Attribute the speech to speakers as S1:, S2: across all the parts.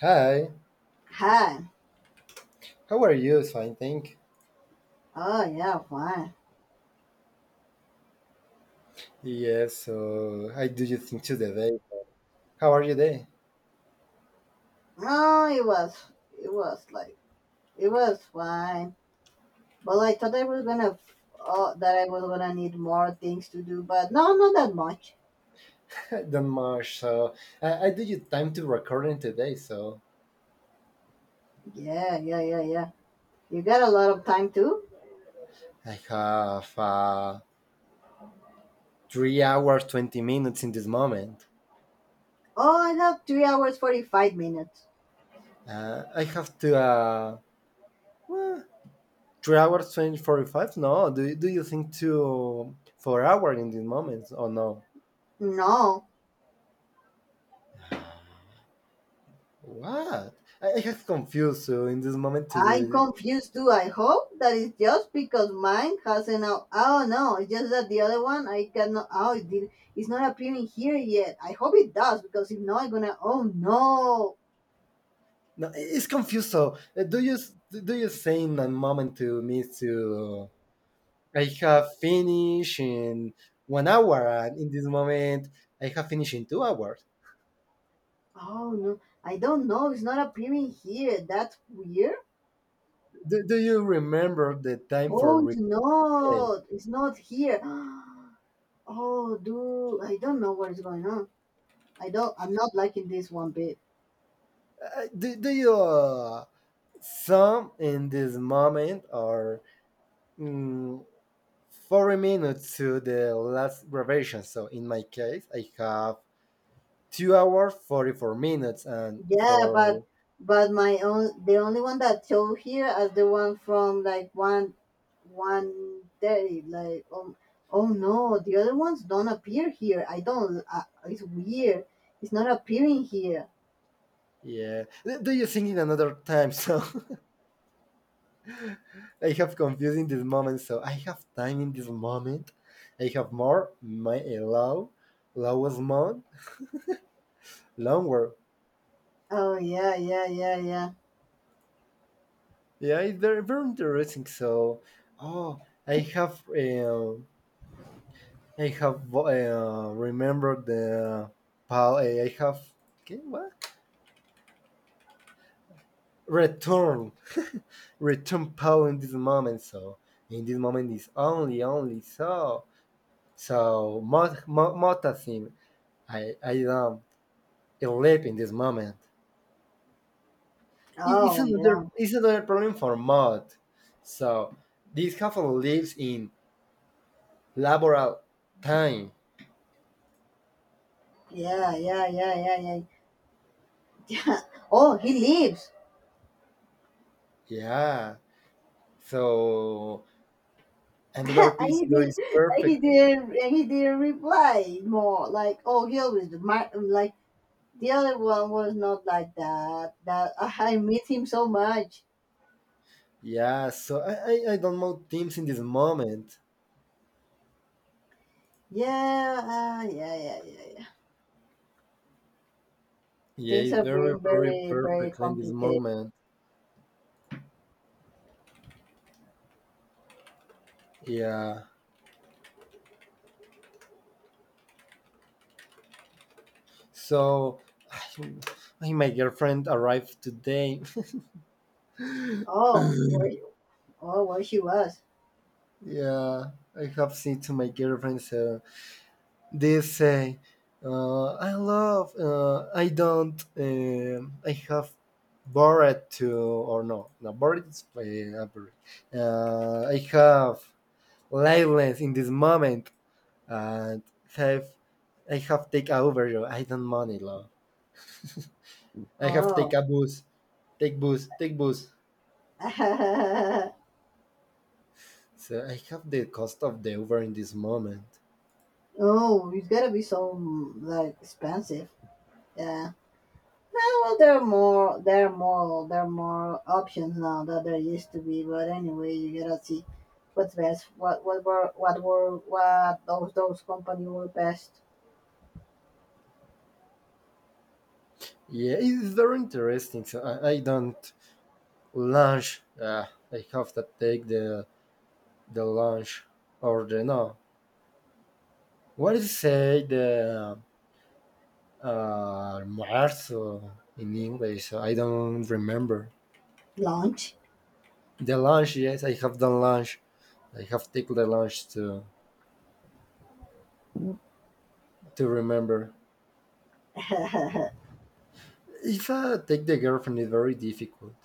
S1: Hi,
S2: Hi.
S1: how are you? Fine, thank.
S2: Oh yeah, fine.
S1: Yes, so I do you think today? How are you today?
S2: No, it was like it was fine. But I thought I was gonna that I was gonna need more things to do, but no, not that much.
S1: Don't much. So I do you time to recording today. So
S2: Yeah, yeah, yeah, yeah. You got a lot of time too.
S1: I have 3 hours 20 minutes in this moment.
S2: Oh, I have 3 hours 45 minutes.
S1: I have to well, 3 hours 20 45. No, do you think to 4 hours in this moment? Oh no,
S2: No,
S1: what? I have confused. So in this moment
S2: I'm
S1: to
S2: confused too. I hope that it's just because mine has an out. Oh no, it's just that the other one I cannot. Oh, it did, it's not appearing here yet. I hope it does because if not, I'm gonna. Oh no!
S1: no, it's confused. So, do you think a moment to me to I have finished in 1 hour, and in this moment I have finished in 2 hours.
S2: Oh no! I don't know. It's not appearing here. That's weird.
S1: Do you remember the time for
S2: Oh, it's
S1: replay?
S2: not. It's not here. Oh, dude. I don't know what is going on. I don't. I'm not liking this one bit.
S1: Do you sum in this moment or mm, 40 minutes to the last revision? So, in my case, I have 2 hours 44 minutes, and
S2: Yeah, but
S1: for
S2: my own the only one that show here is the one from like one one thirty. Like oh no, the other ones don't appear here. I don't. It's weird. It's not appearing here.
S1: yeah. Do you think in another time? So I have confused in this moment. So I have time in this moment. I have more my lowest month, longer.
S2: Oh yeah, yeah, yeah, yeah.
S1: Yeah, it's very very interesting. So, oh, I have um, I have remembered the Paul. I have okay, what return return Paul in this moment. So in this moment is only so mota theme I don't live in this moment.
S2: Oh yeah,
S1: It's another problem for mod. So this couple lives in laboral time.
S2: yeah, yeah, yeah, yeah, yeah. Yeah. Oh, he leaves.
S1: Yeah. So another
S2: And
S1: piece
S2: he did.
S1: is
S2: And he
S1: perfectly.
S2: didn't. And he didn't reply more. Like oh, he always like the other one was not like that. That I miss him so much.
S1: Yeah. So I don't mod teams in this moment.
S2: Yeah, ah, yeah, yeah, yeah, yeah.
S1: Yeah,
S2: Things
S1: it's
S2: are
S1: very
S2: being
S1: very
S2: very, very
S1: perfectly in this
S2: complicated.
S1: moment. Yeah. So my girlfriend arrived today.
S2: Oh, where? Oh, where she was?
S1: Yeah, I have said to my girlfriend they say, I love, I don't, I have bored to, or no, no, bored is not I have lifeless in this moment and have, I have take over you. I don't money, love. I have take
S2: Oh,
S1: a bus, take bus, take bus. So I have the cost of the Uber in this moment.
S2: oh, it's gotta be so like expensive. Yeah. Ah, well, there are more options now that there used to be. But anyway, you gotta see what's best. What, what those company were best.
S1: Yeah, it's very interesting. So I don't lunch. I have to take the lunch or the no. What is say the uh almuerzo in English? I don't remember.
S2: Launch.
S1: The lunch, yes, I have done lunch. I have taken the lunch to remember.
S2: Oh
S1: If I take the girlfriend, it's very difficult.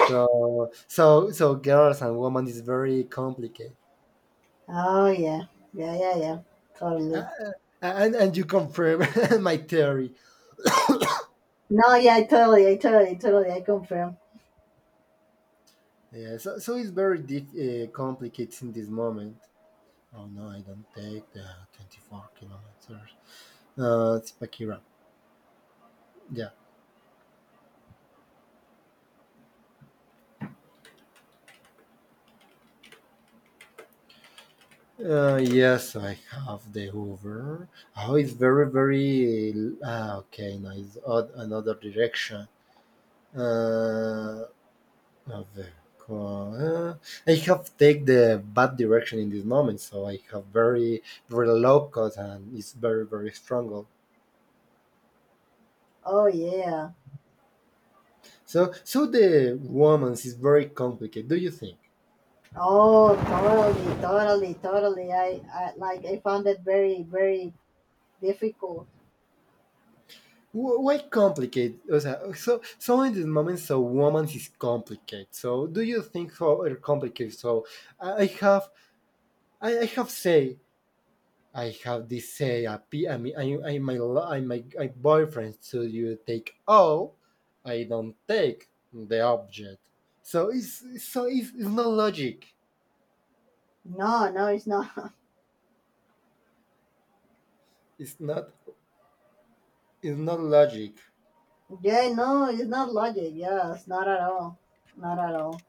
S1: So so girls and women is very complicated.
S2: yeah, yeah, yeah, yeah.
S1: Uh,
S2: Totally.
S1: uh, and you confirm my theory.
S2: No, yeah, totally. I confirm.
S1: Yeah, so it's very complicated in this moment. Oh no, I don't take the 24 kilometers. It's Pakira. Yeah. Yes, I have the Uber. Oh, it's very, very. Ah, okay, now it's odd, another direction. Uh, of the co- uh, I have take the bad direction in this moment, so I have very, very low cut and it's very, very strong.
S2: Oh yeah.
S1: So, so the romance is very complicated. Do you think?
S2: Oh, totally, totally, totally. I like. I found it very, very difficult.
S1: Why complicated? O sea, so in this moment, so romance is complicated. So, do you think so are complicated? So, I I have, I have say, I have this say. I mean, I my, I my, my boyfriend. So you take all, I don't take the object. So it's, so it's not logic.
S2: No, no, it's not.
S1: It's not, it's not logic.
S2: Yeah, no, it's not logic. Yeah, it's not at all. Not at all.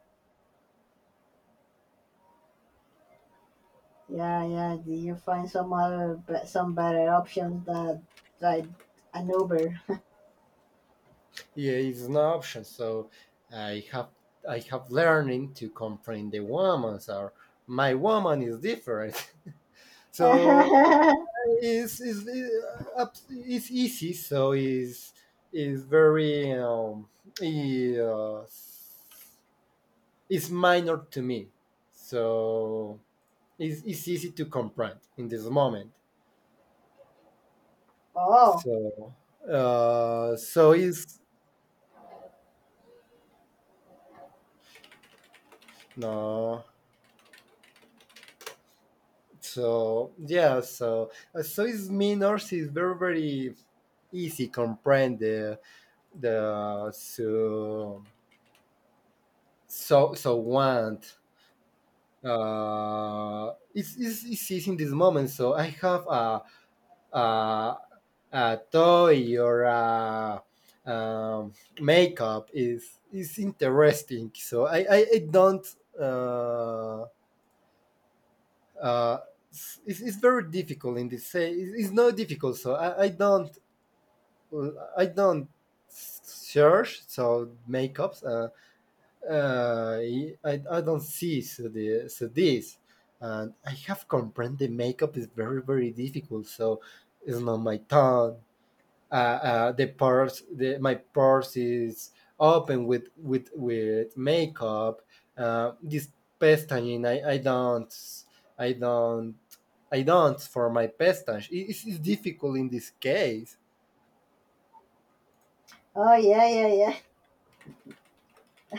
S2: Yeah, yeah. Do you find some other, be- some better options that, like an Uber?
S1: Yeah, it's an option. So I have I have learning to comprehend the woman's or my woman is different. So it's easy. So it's very it, uh, it's minor to me. So it's easy to comprehend in this moment.
S2: Oh, oh
S1: So so it's no. So yeah, so Swiss minors is very very easy comprehend the so so so want. It's easy in this moment. So I have a, a toy or a um, makeup is interesting. So I don't uh uh it's very difficult in this say it's not difficult so I don't well, I don't search so makeups. Uh, I don't see so the so this, and I have comprehend the makeup is very very difficult. So it's not my tongue. The purse, the, my purse is open with with makeup. This pestañe, I don't, I don't, I don't for my pestache. It's difficult in this case.
S2: yeah, yeah,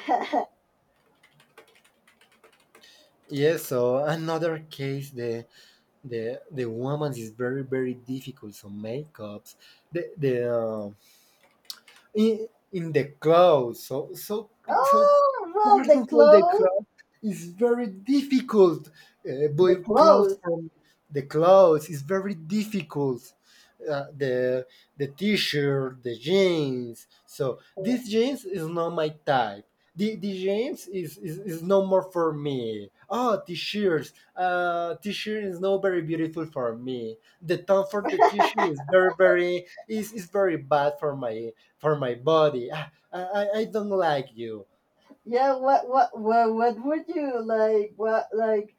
S2: yeah.
S1: Yes, so another case the the woman is very very difficult. So makeups, the in the cloud. So so so
S2: Oh, well,
S1: persons for the cloud is very difficult.
S2: the
S1: But cloud
S2: clothes.
S1: from the clouds is very difficult. The t-shirt, the jeans. So this jeans is not my type. The jeans is no more for me. Oh, t-shirts. T-shirt is not very beautiful for me. The tone for the t-shirt is very very is very bad for my body. Ah, I don't like you.
S2: Yeah, what would you like? What, like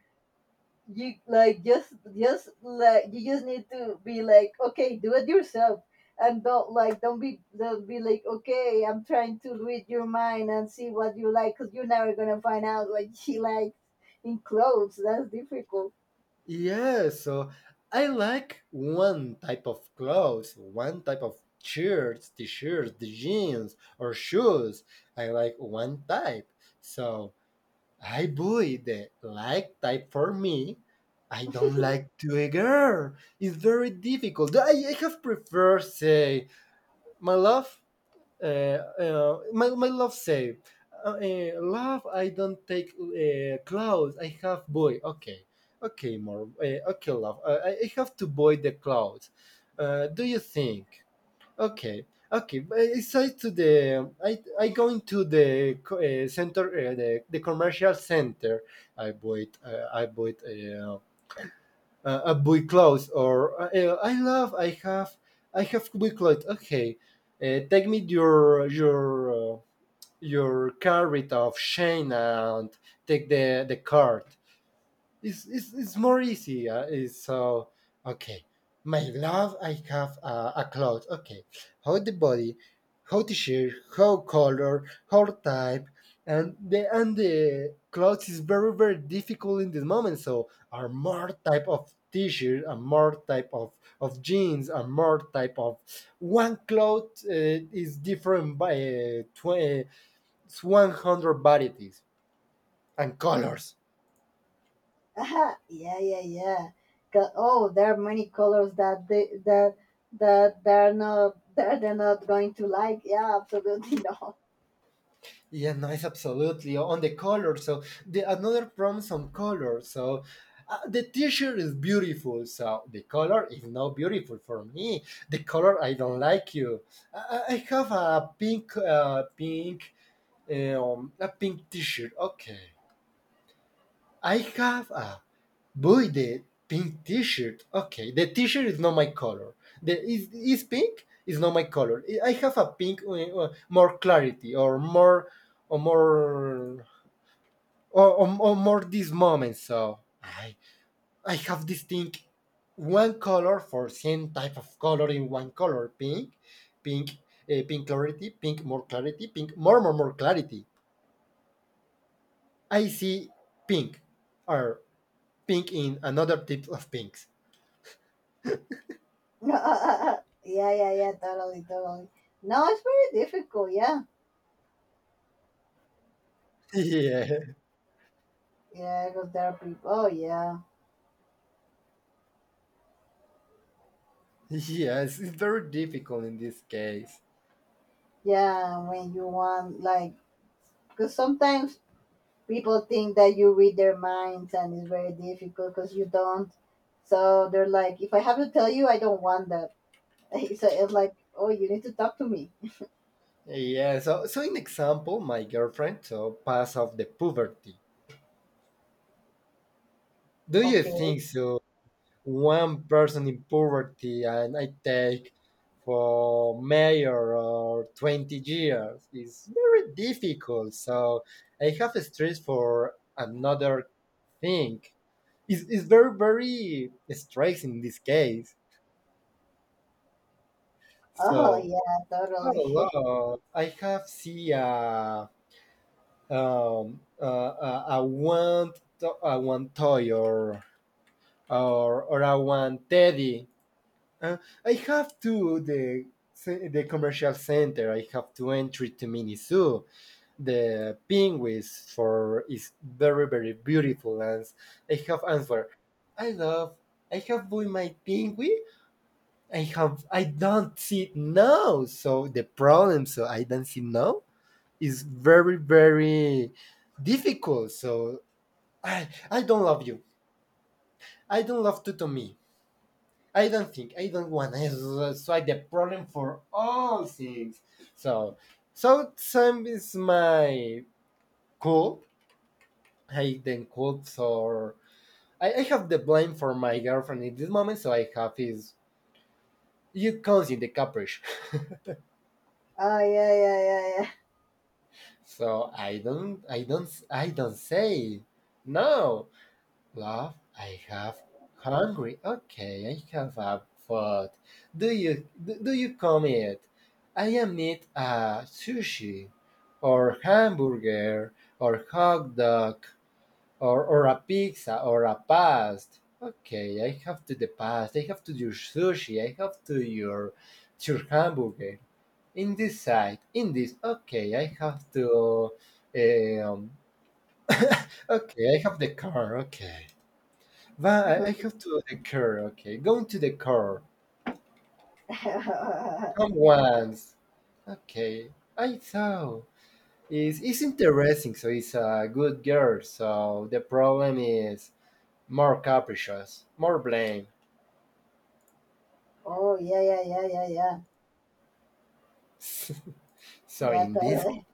S2: you like just like you just need to be like, okay, do it yourself, and don't like, don't be like, okay, I'm trying to read your mind and see what you like, cause you're never gonna find out what she likes in clothes. That's difficult.
S1: Yeah, so I like one type of clothes, one type of shirts, t shirts, the jeans, or shoes. I like one type. So I buy the like type for me. I don't like to a girl. It's very difficult. I have prefer say, my love, my, my love say, love, I don't take clouds. I have boy. Okay, okay, more. Okay, love. I have to boy the clouds. Do you think? Okay, okay. But it's I to the I going to the center, the commercial center. I bought I bought. A boy clothes or I love I have boy clothes. Okay, take me your carrot of Shane and take the card it's more easy. It's so okay. My love, I have a cloth. Okay, how the body, how the shape, how color, how type, and the clothes is very very difficult in this moment. So are more type of t-shirt, are more type of jeans, are more type of one cloth is different by varieties and colors.
S2: Aha, yeah, yeah, yeah. Oh, there are many colors that they're not going to like. Yeah, absolutely not.
S1: Yeah, nice, absolutely. On the color, so the another promise on color. So the T-shirt is beautiful. So the color is not beautiful for me. The color I don't like you. I have a pink, pink, a pink T-shirt. Okay, I have a boy the pink T-shirt. Okay, the T-shirt is not my color. The is pink is not my color. I have a pink more clarity or more or more or more this moment. So I have this thing, one color for same type of color in one color, pink, pink, pink clarity, pink more more more clarity. I see pink, or pink in another type of pinks.
S2: Yeah, yeah, yeah. Totally, totally. No, it's very difficult. Yeah,
S1: Yeah,
S2: yeah. Because there are people. Oh, yeah,
S1: yes, it's very difficult in this case.
S2: yeah. When you want like, because sometimes people think that you read their minds, and it's very difficult because you don't. So they're like, if I have to tell you, I don't want that. So it's like, oh, you need to talk to me.
S1: Yeah, so so in example, my girlfriend so pass off the poverty. Do you
S2: Okay.
S1: think so? One person in poverty and I take for mayor or 20 years is very difficult. So I have stress for another thing. It's very, very stress in this case.
S2: Oh
S1: So,
S2: yeah, totally.
S1: hello, I have see a one, to, a one toy or a one teddy Uh, I have to the the commercial center. I have to entry to Miniso. The penguins for is very very beautiful, and I have answer. I love. I have bought my penguin. I have. I don't see now. So the problem. So I don't see now is very very difficult. So I don't love you. I don't love to me. I don't think I don't want to solve the problem for all things. So, so Sam is my cult. I then cults or I have the blame for my girlfriend in this moment. So I have his. It comes in the caprice.
S2: Oh yeah, yeah, yeah, yeah.
S1: so I don't say no. Love, I have hungry. Okay, I have a food. Do you do you come it? I am need a sushi, or hamburger, or hot dog, or a pizza, or a past. Okay, I have to the past. I have to your sushi. I have to your hamburger. In this side, in this. Okay, I have to. Um, okay, I have the car. Okay. But I have to the car, okay. Going to the car. Come once. Okay. I saw. It's interesting, so it's a good girl, so the problem is more capricious, more blame.
S2: Oh yeah, yeah, yeah, yeah, yeah.
S1: so
S2: Yeah,
S1: in this
S2: totally.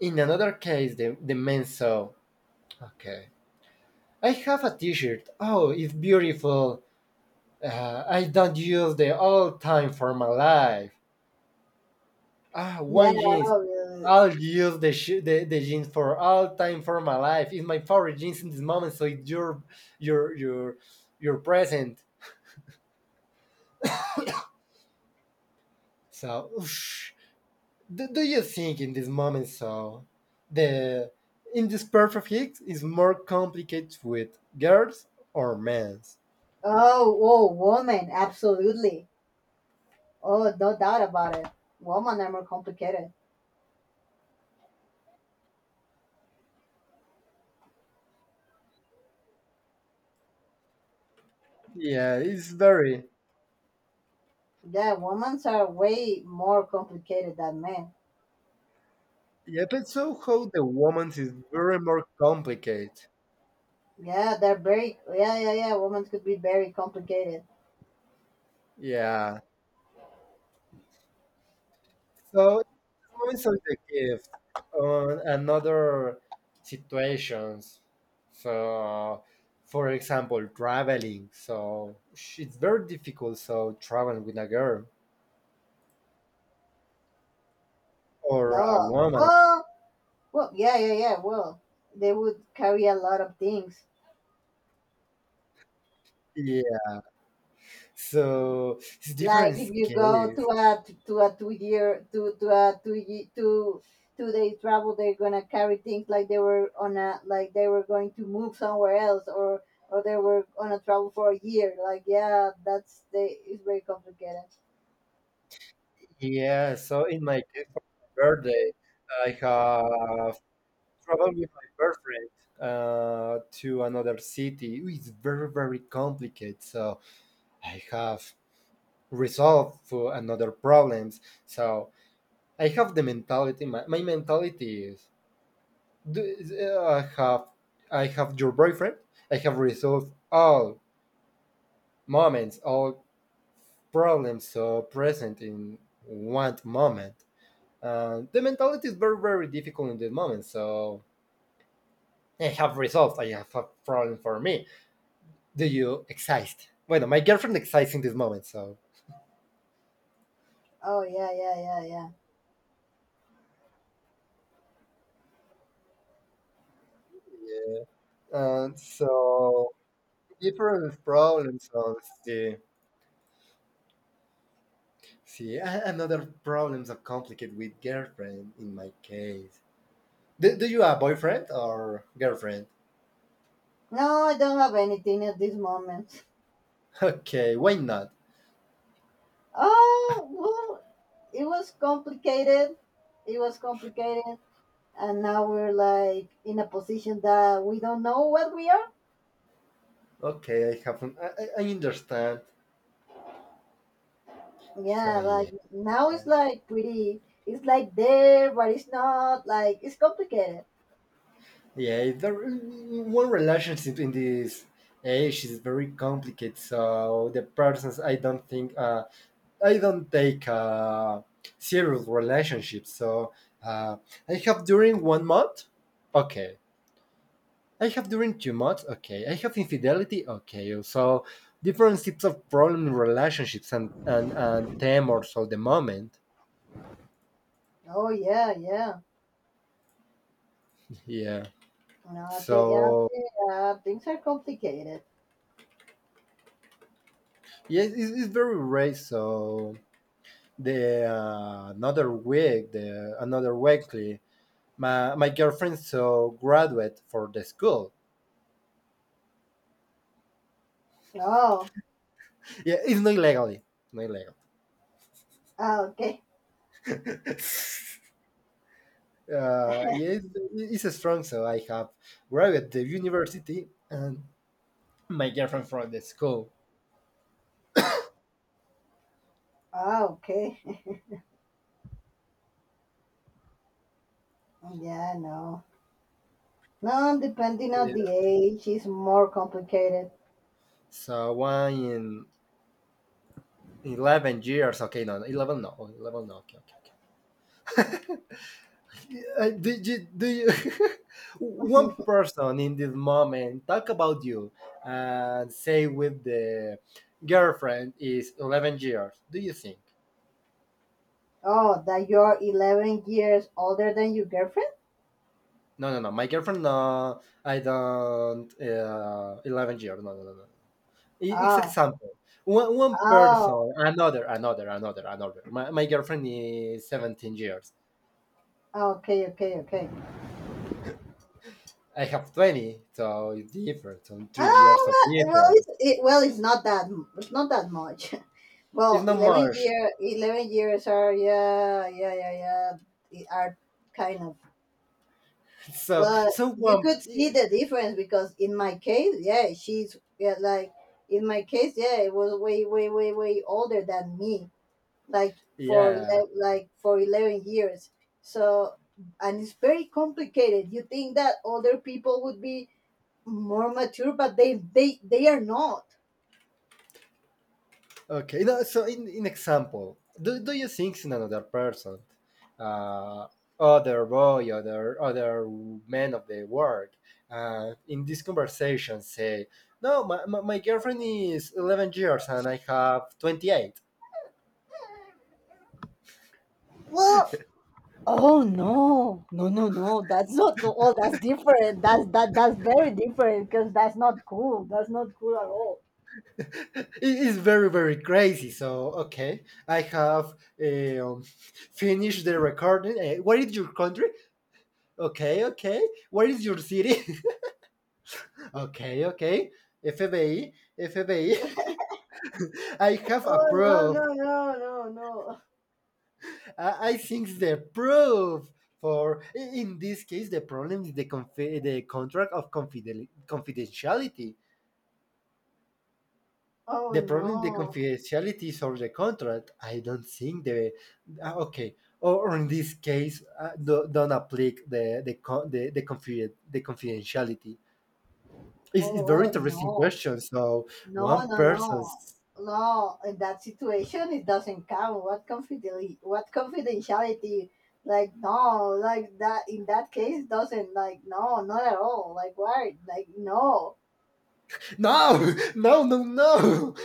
S1: in another case the man. Saw okay. I have a t-shirt. Oh, it's beautiful. I don't use the all time for my life. Ah,
S2: Yeah.
S1: one jeans
S2: Oh, really.
S1: I'll use the, the jeans for all time for my life. It's my favorite jeans in this moment. So it's your your your present. So oof. Do you think in this moment so the in this perfect hit is more complicated with girls or men's?
S2: Oh, oh, woman, absolutely. Oh, no doubt about it. Women are more complicated.
S1: Yeah, it's very,
S2: Yeah, women are way more complicated than men.
S1: yeah. But so how the woman's is very more complicated.
S2: Yeah, they're very. Yeah, yeah, yeah. Women could be very complicated.
S1: Yeah. So it's more subjective on another situations. So, for example, traveling. So it's very difficult. So traveling with a girl or a
S2: No.
S1: woman.
S2: Well, well, yeah, yeah, yeah. Well, they would carry a lot of things.
S1: Yeah. So it's
S2: Like
S1: different
S2: if you go
S1: case.
S2: to a two year to a two ye- two two day travel. They're gonna carry things like they were on a, like they were going to move somewhere else, or they were on a travel for a year. Like, yeah, that's they, it's very complicated.
S1: Yeah. So in my case, for my birthday, I have traveled with my girlfriend to another city. It's very very complicated. So I have resolve for another problems. So I have the mentality. My mentality is do, uh, I have I have your boyfriend. I have resolved all moments, all problems so present in one moment. The mentality is very very difficult in the moment. So I have resolved. I have a problem for me. Do you exist? Bueno, my girlfriend exists in this moment, so
S2: Oh yeah, yeah, yeah, yeah.
S1: and so different problems on the. See, another problems are complicated with girlfriend in my case. Do you have boyfriend or girlfriend?
S2: No, I don't have anything at this moment.
S1: Okay, why not?
S2: Oh well. it was complicated it was complicated, and now we're like in a position that we don't know what we are.
S1: Okay, I have. I understand. So
S2: Yeah, like
S1: yeah,
S2: now it's like pretty. It's like there, but it's not like it's complicated.
S1: yeah. The one relationship in this age is very complicated. So the persons I don't think, I don't take serious relationship. So uh, I have during one month. Okay, I have during too much. Okay. I have infidelity. Okay. So different types of problem in relationships, and them or so the moment.
S2: Oh yeah, yeah.
S1: Yeah.
S2: No,
S1: So
S2: yeah, things are complicated.
S1: yeah, it's very rare. So the, another week, the another weekly, my girlfriend so graduate for the school.
S2: Oh,
S1: Yeah, it's not legally. Not legal.
S2: ah, okay,
S1: Yeah, it's a strong. So I have graduate the university and my girlfriend from the school.
S2: ah, okay. Yeah, no, no. Depending on
S1: Yeah.
S2: the age, it's more complicated.
S1: So one in 11 years. Okay, no, no, 11. No, oh, 11. No. Okay, okay, okay. Did you do you one person in this moment talk about you and say with the girlfriend is 11 years? Do you think?
S2: Oh, that you're 11 years older than your girlfriend.
S1: No, no, no. My girlfriend. No, I don't. 11 years. No, no, no, no, no. It's
S2: Oh,
S1: example. One
S2: oh,
S1: person, another. My girlfriend is 17 years.
S2: okay, okay, okay.
S1: I have 20, so it's different. So 3 years
S2: Um,
S1: of
S2: well, it's,
S1: difference.
S2: it, well, it's not that m- it's not that much.
S1: It's
S2: Well,
S1: not much.
S2: 11 years are yeah, yeah, yeah, yeah. It are kind of
S1: So,
S2: well,
S1: so
S2: you
S1: one,
S2: could see the difference because in my case, yeah, she's yeah, like in my case, yeah, it was way, way, way, way older than me, like for
S1: yeah.
S2: like for 11 years. So, and it's very complicated. You think that older people would be more mature, but they are not.
S1: Okay. No, so, in example, do you think in another person, uh, other boy, other man of the world, in this conversation say, no, my girlfriend is 11 years and I have 28.
S2: Well, oh no, no, no, no. That's not no. Oh, that's different. That's that. That's very different because that's not cool. That's not cool at all.
S1: It's very very crazy. So okay, I have, um, finished the recording. What is your country? Okay, okay. What is your city? Okay, okay. FBI. Fbi I FBI. I have
S2: Oh no,
S1: approved.
S2: no, no, no, no.
S1: I think the proof for in this case the problem is the contract of confidentiality.
S2: Oh
S1: The problem is the
S2: no.
S1: confidentiality is on the contract. I don't think the, ah, okay, or, in this case, do, don't apply the co- the, confiden- the, confidentiality. It's
S2: Oh
S1: very
S2: well,
S1: interesting
S2: no,
S1: question. So
S2: no,
S1: one
S2: no, no,
S1: person's
S2: no. In that situation, it doesn't count. What confidentiality? What confidentiality? Like no, like that. In that case, doesn't like no, not at all. Like why? Like no.
S1: no, no, no, no.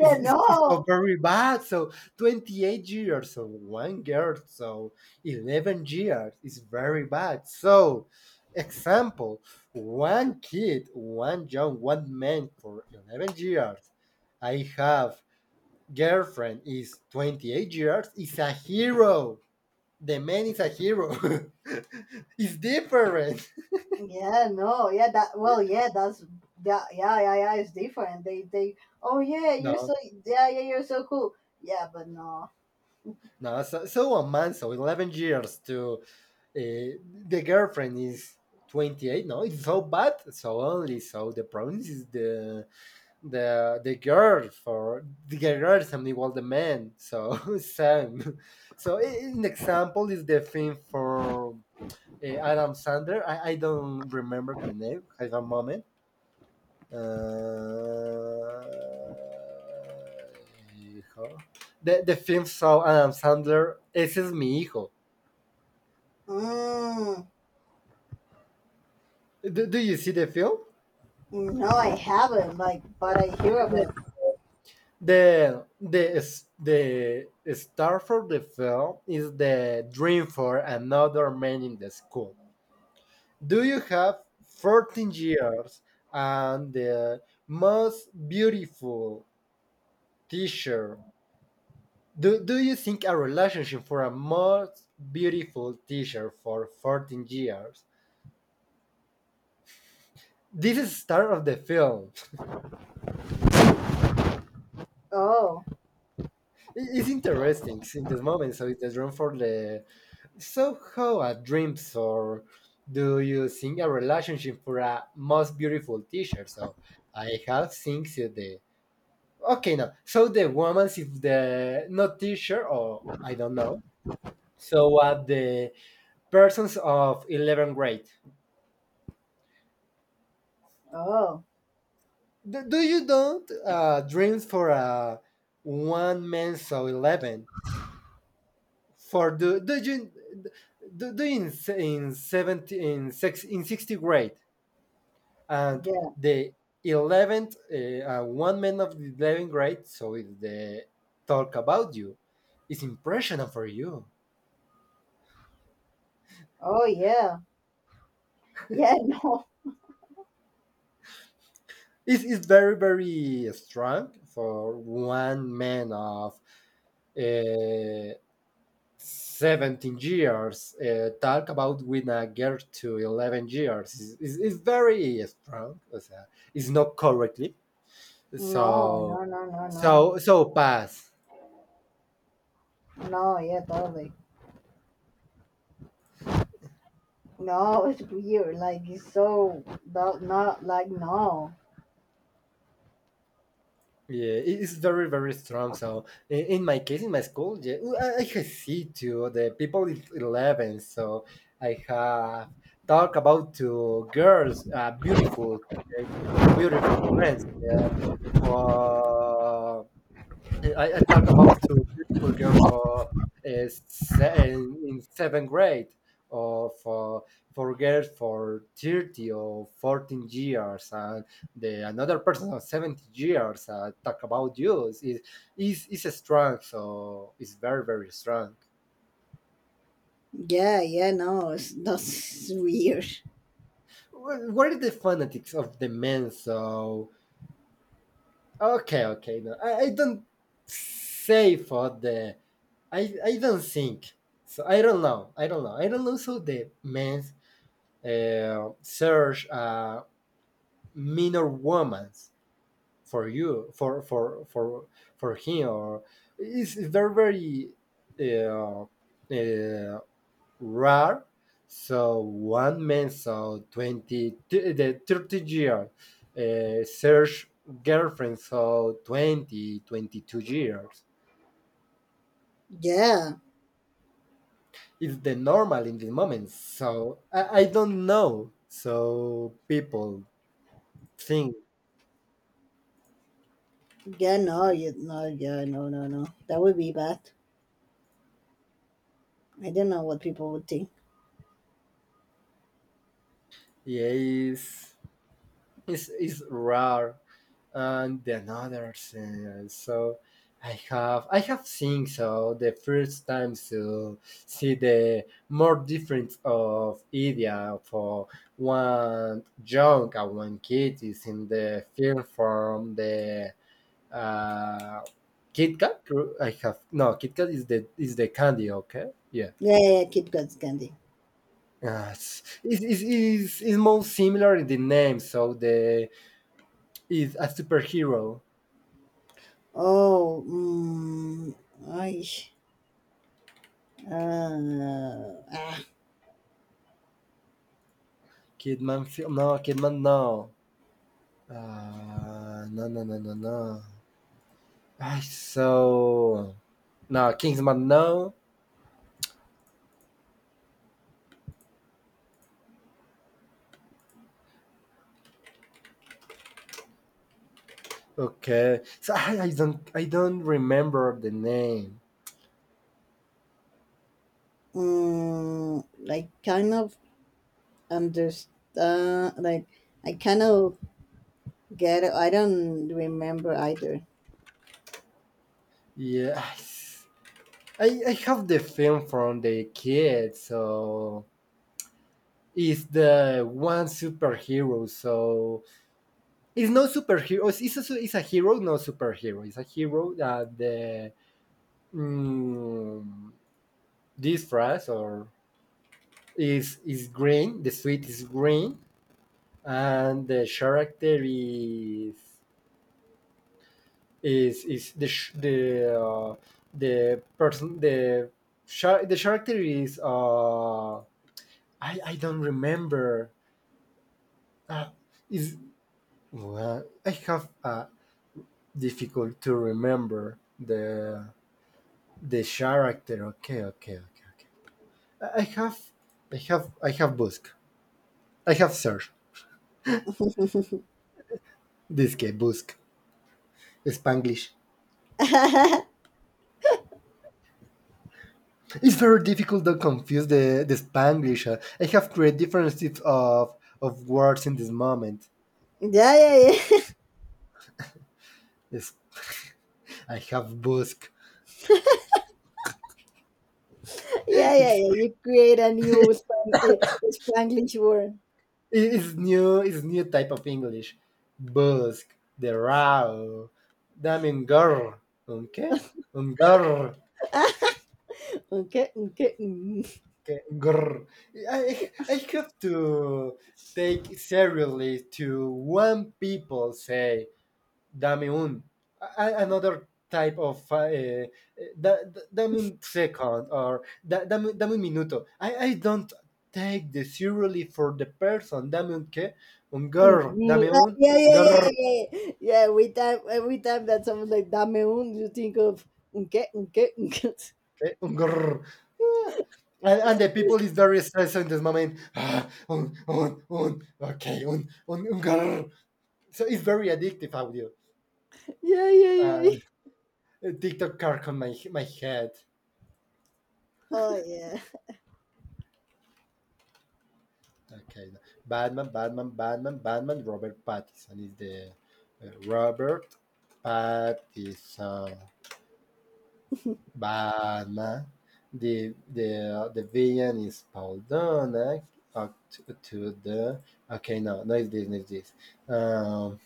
S1: It's, it's, it's so
S2: no.
S1: very bad. So 28 years of one girl, so 11 years is very bad. So, example, one kid, one young, one man for 11 years. I have girlfriend is 28 years, is a hero. The man is a hero. It's different.
S2: Yeah, no, yeah, that well, yeah, that's yeah, yeah, yeah, yeah. It's different. They, oh yeah, you're
S1: No,
S2: so yeah, yeah, you're so cool. Yeah, but no.
S1: no. So, so a man, so 11 years to, uh, the girlfriend is 28, no, it's so bad, so only so the problem is the girl for the girl something was the man so same. So an example is the film for, Adam Sandler. I don't remember the name, have a moment. uh, the, film saw Adam Sandler, ese es mi hijo.
S2: Mm,
S1: Do you see the film?
S2: no, I haven't. Like, but I hear of
S1: the,
S2: it.
S1: The star for the film is the dream for another man in the school. Do you have 14 years and the most beautiful teacher? Do you think a relationship for a most beautiful teacher for 14 years? This is start of the film.
S2: Oh,
S1: It's interesting in this moment. So it's the dream for the. So, how a dreams or do you think a relationship for a most beautiful teacher? So, I have things in the, okay, no. So the woman is the not teacher, or I don't know. So, the persons of 11th grade.
S2: oh,
S1: Do you don't, dreams for a one man so 11? For do you do in 70 in six in 60 grade? And
S2: yeah,
S1: the 11th, one man of the 11th grade, so it's the talk about you is impressionable for you.
S2: oh yeah, yeah, no,
S1: It's very very strong for one man of, uh, 17 years, talk about with a girl to 11 years. It is very strong, o sea, it's not correctly
S2: no, no,
S1: so
S2: no, no, no,
S1: pass.
S2: no, yeah, totally. No, it's weird. Like, it's so not, not like no.
S1: Yeah, it is very, very strong. So in my case, in my school, yeah, ooh, I have see to the people is 11. So I have talk about to girls, beautiful, uh, beautiful friends, yeah, for I talk about two beautiful girl for, in seventh grade, or for girls for 30 or 14 years, and the another person of 70 years, talk about you is strong, so it's very very strong.
S2: Yeah, yeah, no, it's that's weird.
S1: What are the fanatics of the men? So okay, okay, no, I don't say for the, I don't think so. I don't know. I don't know. I don't know. So the men, search, minor women for you for him, or it's very very, uh, uh, rare. So one man saw the 30 year, search girlfriend so 20 22 years
S2: Yeah.
S1: is the normal in this moment. So I don't know. So people think
S2: Yeah, no, you no, yeah, no, no, no. That would be bad. I don't know what people would think.
S1: EA is rare. And the another thing. So I have seen so the first time to see the more difference of idea for one young and one kid is in the film from the, uh, Kit Kat. I have no, Kit Kat is the candy. Okay, yeah.
S2: Yeah, yeah, yeah, Kit Kat's candy.
S1: It's most similar in the name, so the is a superhero.
S2: Oh, mm, I, ah,
S1: No, Kidman, no, no, no, no, no, no. I, so no, Kingsman, no. Okay, so I don't, I don't remember the name.
S2: mm, I kind of understand. Like, I kind of get it. I don't remember either.
S1: Yeah, I have the film from the kid, so is the one superhero. So it's no superhero. It's a hero, no superhero. It's a hero that the, mm, this phrase or is green. The suit is green, and the character is the uh, the person, the character is, uh, I don't remember. Uh, is well, I have, difficult to remember the character. Okay, okay, okay, okay. I- have, I have Busk. I have Search. This guy Busk. Spanglish.
S2: Yeah,
S1: It's very difficult to confuse the Spanglish. I have created different types of words in this moment.
S2: yeah, yeah,
S1: Yes. I have Busk.
S2: yeah, yeah,
S1: It's,
S2: yeah. You create a new Span- eh, Spanglish word.
S1: it's new. It's new type of English. Busk. The raw. Damn girl. Okay. Girl.
S2: Okay, okay. Mm.
S1: Okay, grr. I have to take seriously to one people say dame un, another type of, dame un second, or dame un minuto. I don't take the seriously for the person. Dame un qué? Un grr.
S2: Mhm.
S1: Dame
S2: Ah, yeah,
S1: un,
S2: yeah, yeah,
S1: grr.
S2: yeah, yeah. Yeah, every time that someone like dame un, you think of unke, unke, unke.
S1: Okay? Un grr. Ah. And the people is very stressed in this moment. Ah, un. Okay, un grr. So it's very addictive audio.
S2: Yeah, yeah, yeah.
S1: Uh,
S2: Yeah.
S1: TikTok car on my head.
S2: Oh yeah.
S1: Okay, Batman. Robert Pattinson is the, Robert Pattinson. Batman. The villain is Paul Dana. Up to the, okay, no, no, it's this, no, it's this. Um,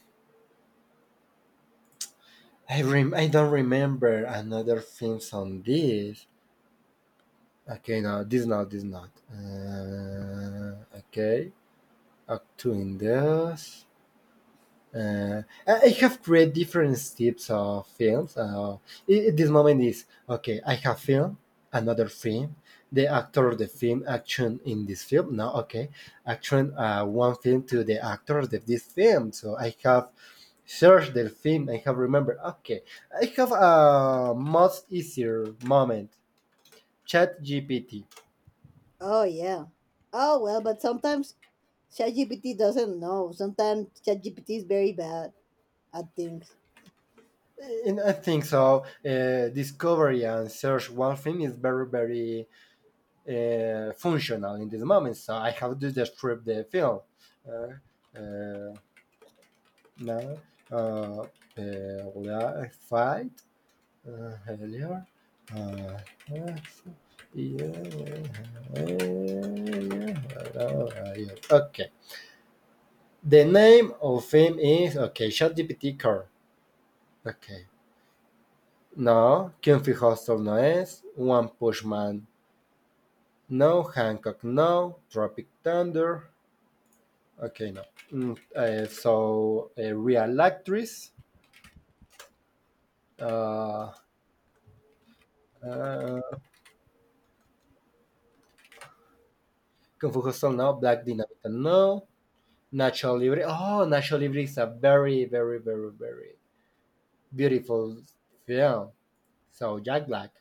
S1: I I don't remember another films on this. Okay, no, this not, this not. Okay. Up to, I have read different types of films. This moment is okay. I have film, another film, the actor of the film, action in this film. Now, okay, action, one film to the actors of this film. So I have searched the film. I have remembered. Okay, I have a much easier moment. Chat GPT.
S2: Oh yeah. Oh well, but sometimes ChatGPT doesn't know. Sometimes ChatGPT is very bad at things.
S1: And I think so. Discovery and search one film is very, very, functional in this moment. So I have to describe the film. Uh, uh, Now, fight, earlier. Uh, okay. The name of film is, okay. ChatGPT car. Okay. No. Quien Hostel no es. One Pushman. No. Hancock. No. Tropic Thunder. Okay, no. So, a real actress. Uh, uh, Kung Fu, no. Black Dynamite, no. Nacho Libre. Oh, Nacho Libre is a very, very, very, very beautiful film. So, Jack Black.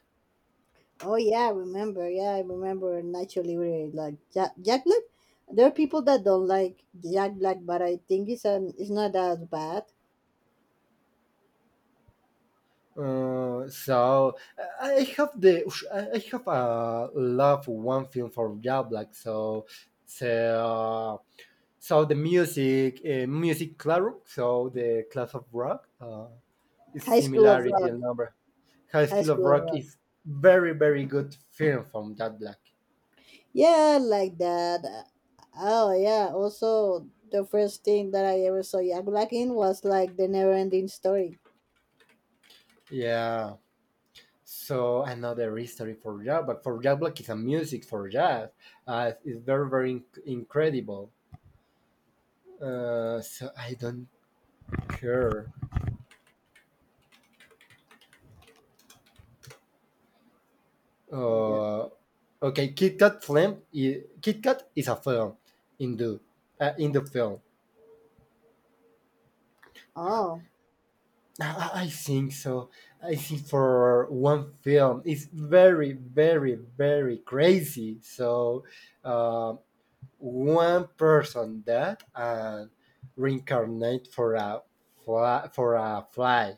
S2: Oh yeah, I remember. Yeah, I remember Nacho Libre like Jack Black. There are people that don't like Jack Black, but I think it's an it's not as bad.
S1: So I have the, I have a love one film from Jack Black. So so the music, music, claro, so the class of rock, its
S2: High School of
S1: similarity
S2: Rock.
S1: and number. High
S2: High
S1: School of
S2: School of
S1: Rock
S2: Rock.
S1: is very, very good film from Jack Black.
S2: Yeah, like that. Oh yeah. Also, the first thing that I ever saw Yak Black in was like the never-ending story.
S1: Yeah. So another history for Jack Black. For Jack Black is a music for jazz. It's very, very incredible. So I don't care.
S2: Yeah.
S1: Uh, okay, Kit Kat film. Kit Kat is a film. Indo, in the film.
S2: Oh,
S1: I think so. I think for one film, it's very, very, very crazy. So, um, one person that and reincarnate for a fly,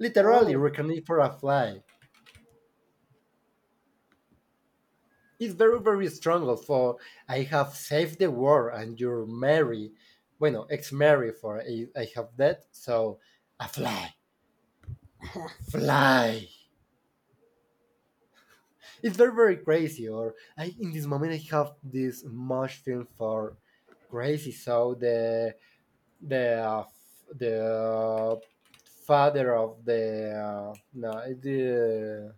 S1: literally
S2: oh,
S1: reincarnate for a fly. It's very, very strong. For I have saved the world, and you're Mary, bueno, ex Mary. For I have that. So, a fly, fly. It's very, very crazy. Or I, in this moment, I have this much film for crazy. So the the, father of the, no the,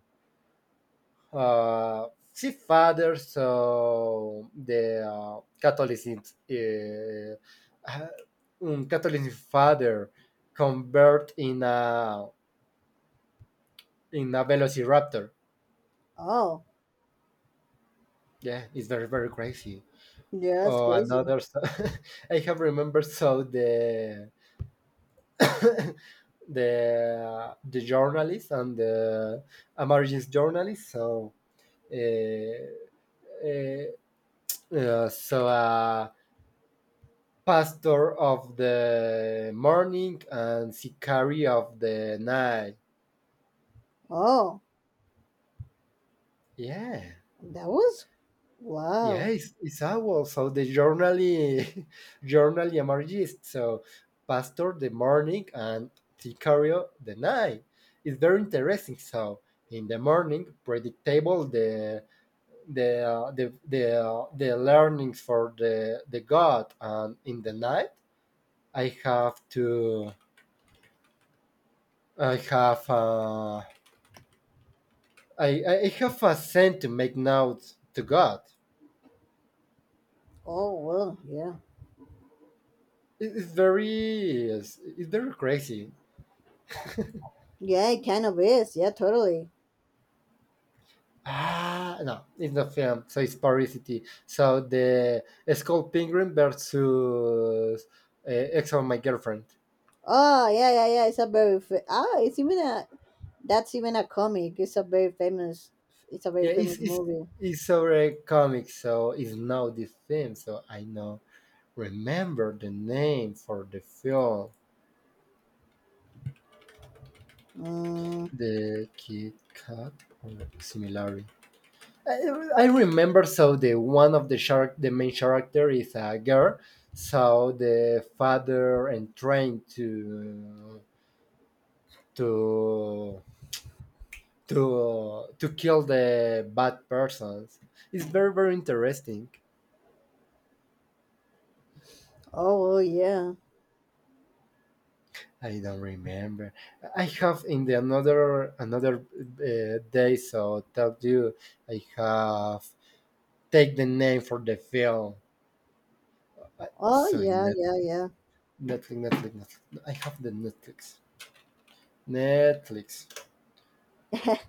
S1: see father. So the, Catholicism. Uh, uh, Catholic father convert in a, velociraptor.
S2: oh.
S1: Yeah, it's very very crazy.
S2: Yeah, that's
S1: Oh,
S2: crazy.
S1: another. I have remembered so the the journalist and the emergency journalist. So uh, uh, uh, so uh, pastor of the morning and sicari of the night.
S2: Oh,
S1: Yeah.
S2: that was
S1: Yeah,
S2: wow.
S1: it's owl. So the journally, journally emergist. So pastor the morning and Sicario the night. It's very interesting. So in the morning, predictable the, the learnings for the god, and in the night, I have to I have, I have a sense to make notes to God.
S2: Oh well, yeah,
S1: It's very, it's very crazy.
S2: yeah. It kind of is. Yeah, totally.
S1: Ah, no, it's not film, so it's parasity. So the it's called Penguin versus, uh, Ex on My Girlfriend.
S2: Oh yeah, yeah, yeah. It's a very fa- ah. It's even a that's even a comic. It's a very famous. It's a
S1: Yeah,
S2: very famous movie.
S1: it's over a comic, so it's now this film. So I know remember the name for the film,
S2: Mm,
S1: the Kid Cat or similarly. I, I remember. So the one of the shark, the main character is a girl. So the father and trying to to kill the bad persons. It's very very interesting.
S2: oh well, yeah.
S1: I don't remember. I have in the, another, day, so tell you I have take the name for the film.
S2: Oh
S1: Sorry,
S2: yeah, yeah,
S1: Netflix, Netflix. I have the Netflix. Netflix.
S2: yeah.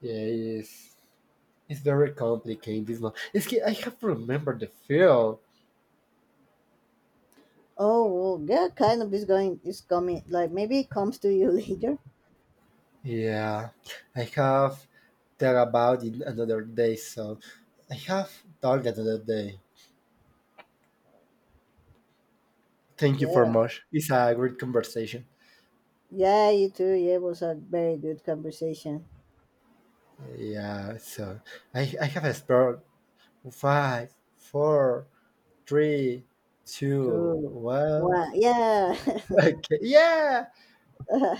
S1: Yeah, it's very complicated. This one. It's, que I have remembered the film.
S2: Oh, well, yeah, kind of is going is coming. Like maybe it comes to you later.
S1: Yeah, I have thought about it another day, so I have talked another day. Thank you for
S2: Yeah,
S1: much. It's a great conversation.
S2: yeah, you too. Yeah, it was a very good conversation.
S1: Yeah, so I have explored five, four, three, two,
S2: Two,
S1: one.
S2: one, yeah.
S1: Okay, yeah,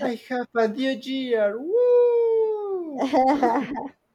S1: I have a new year. Woo!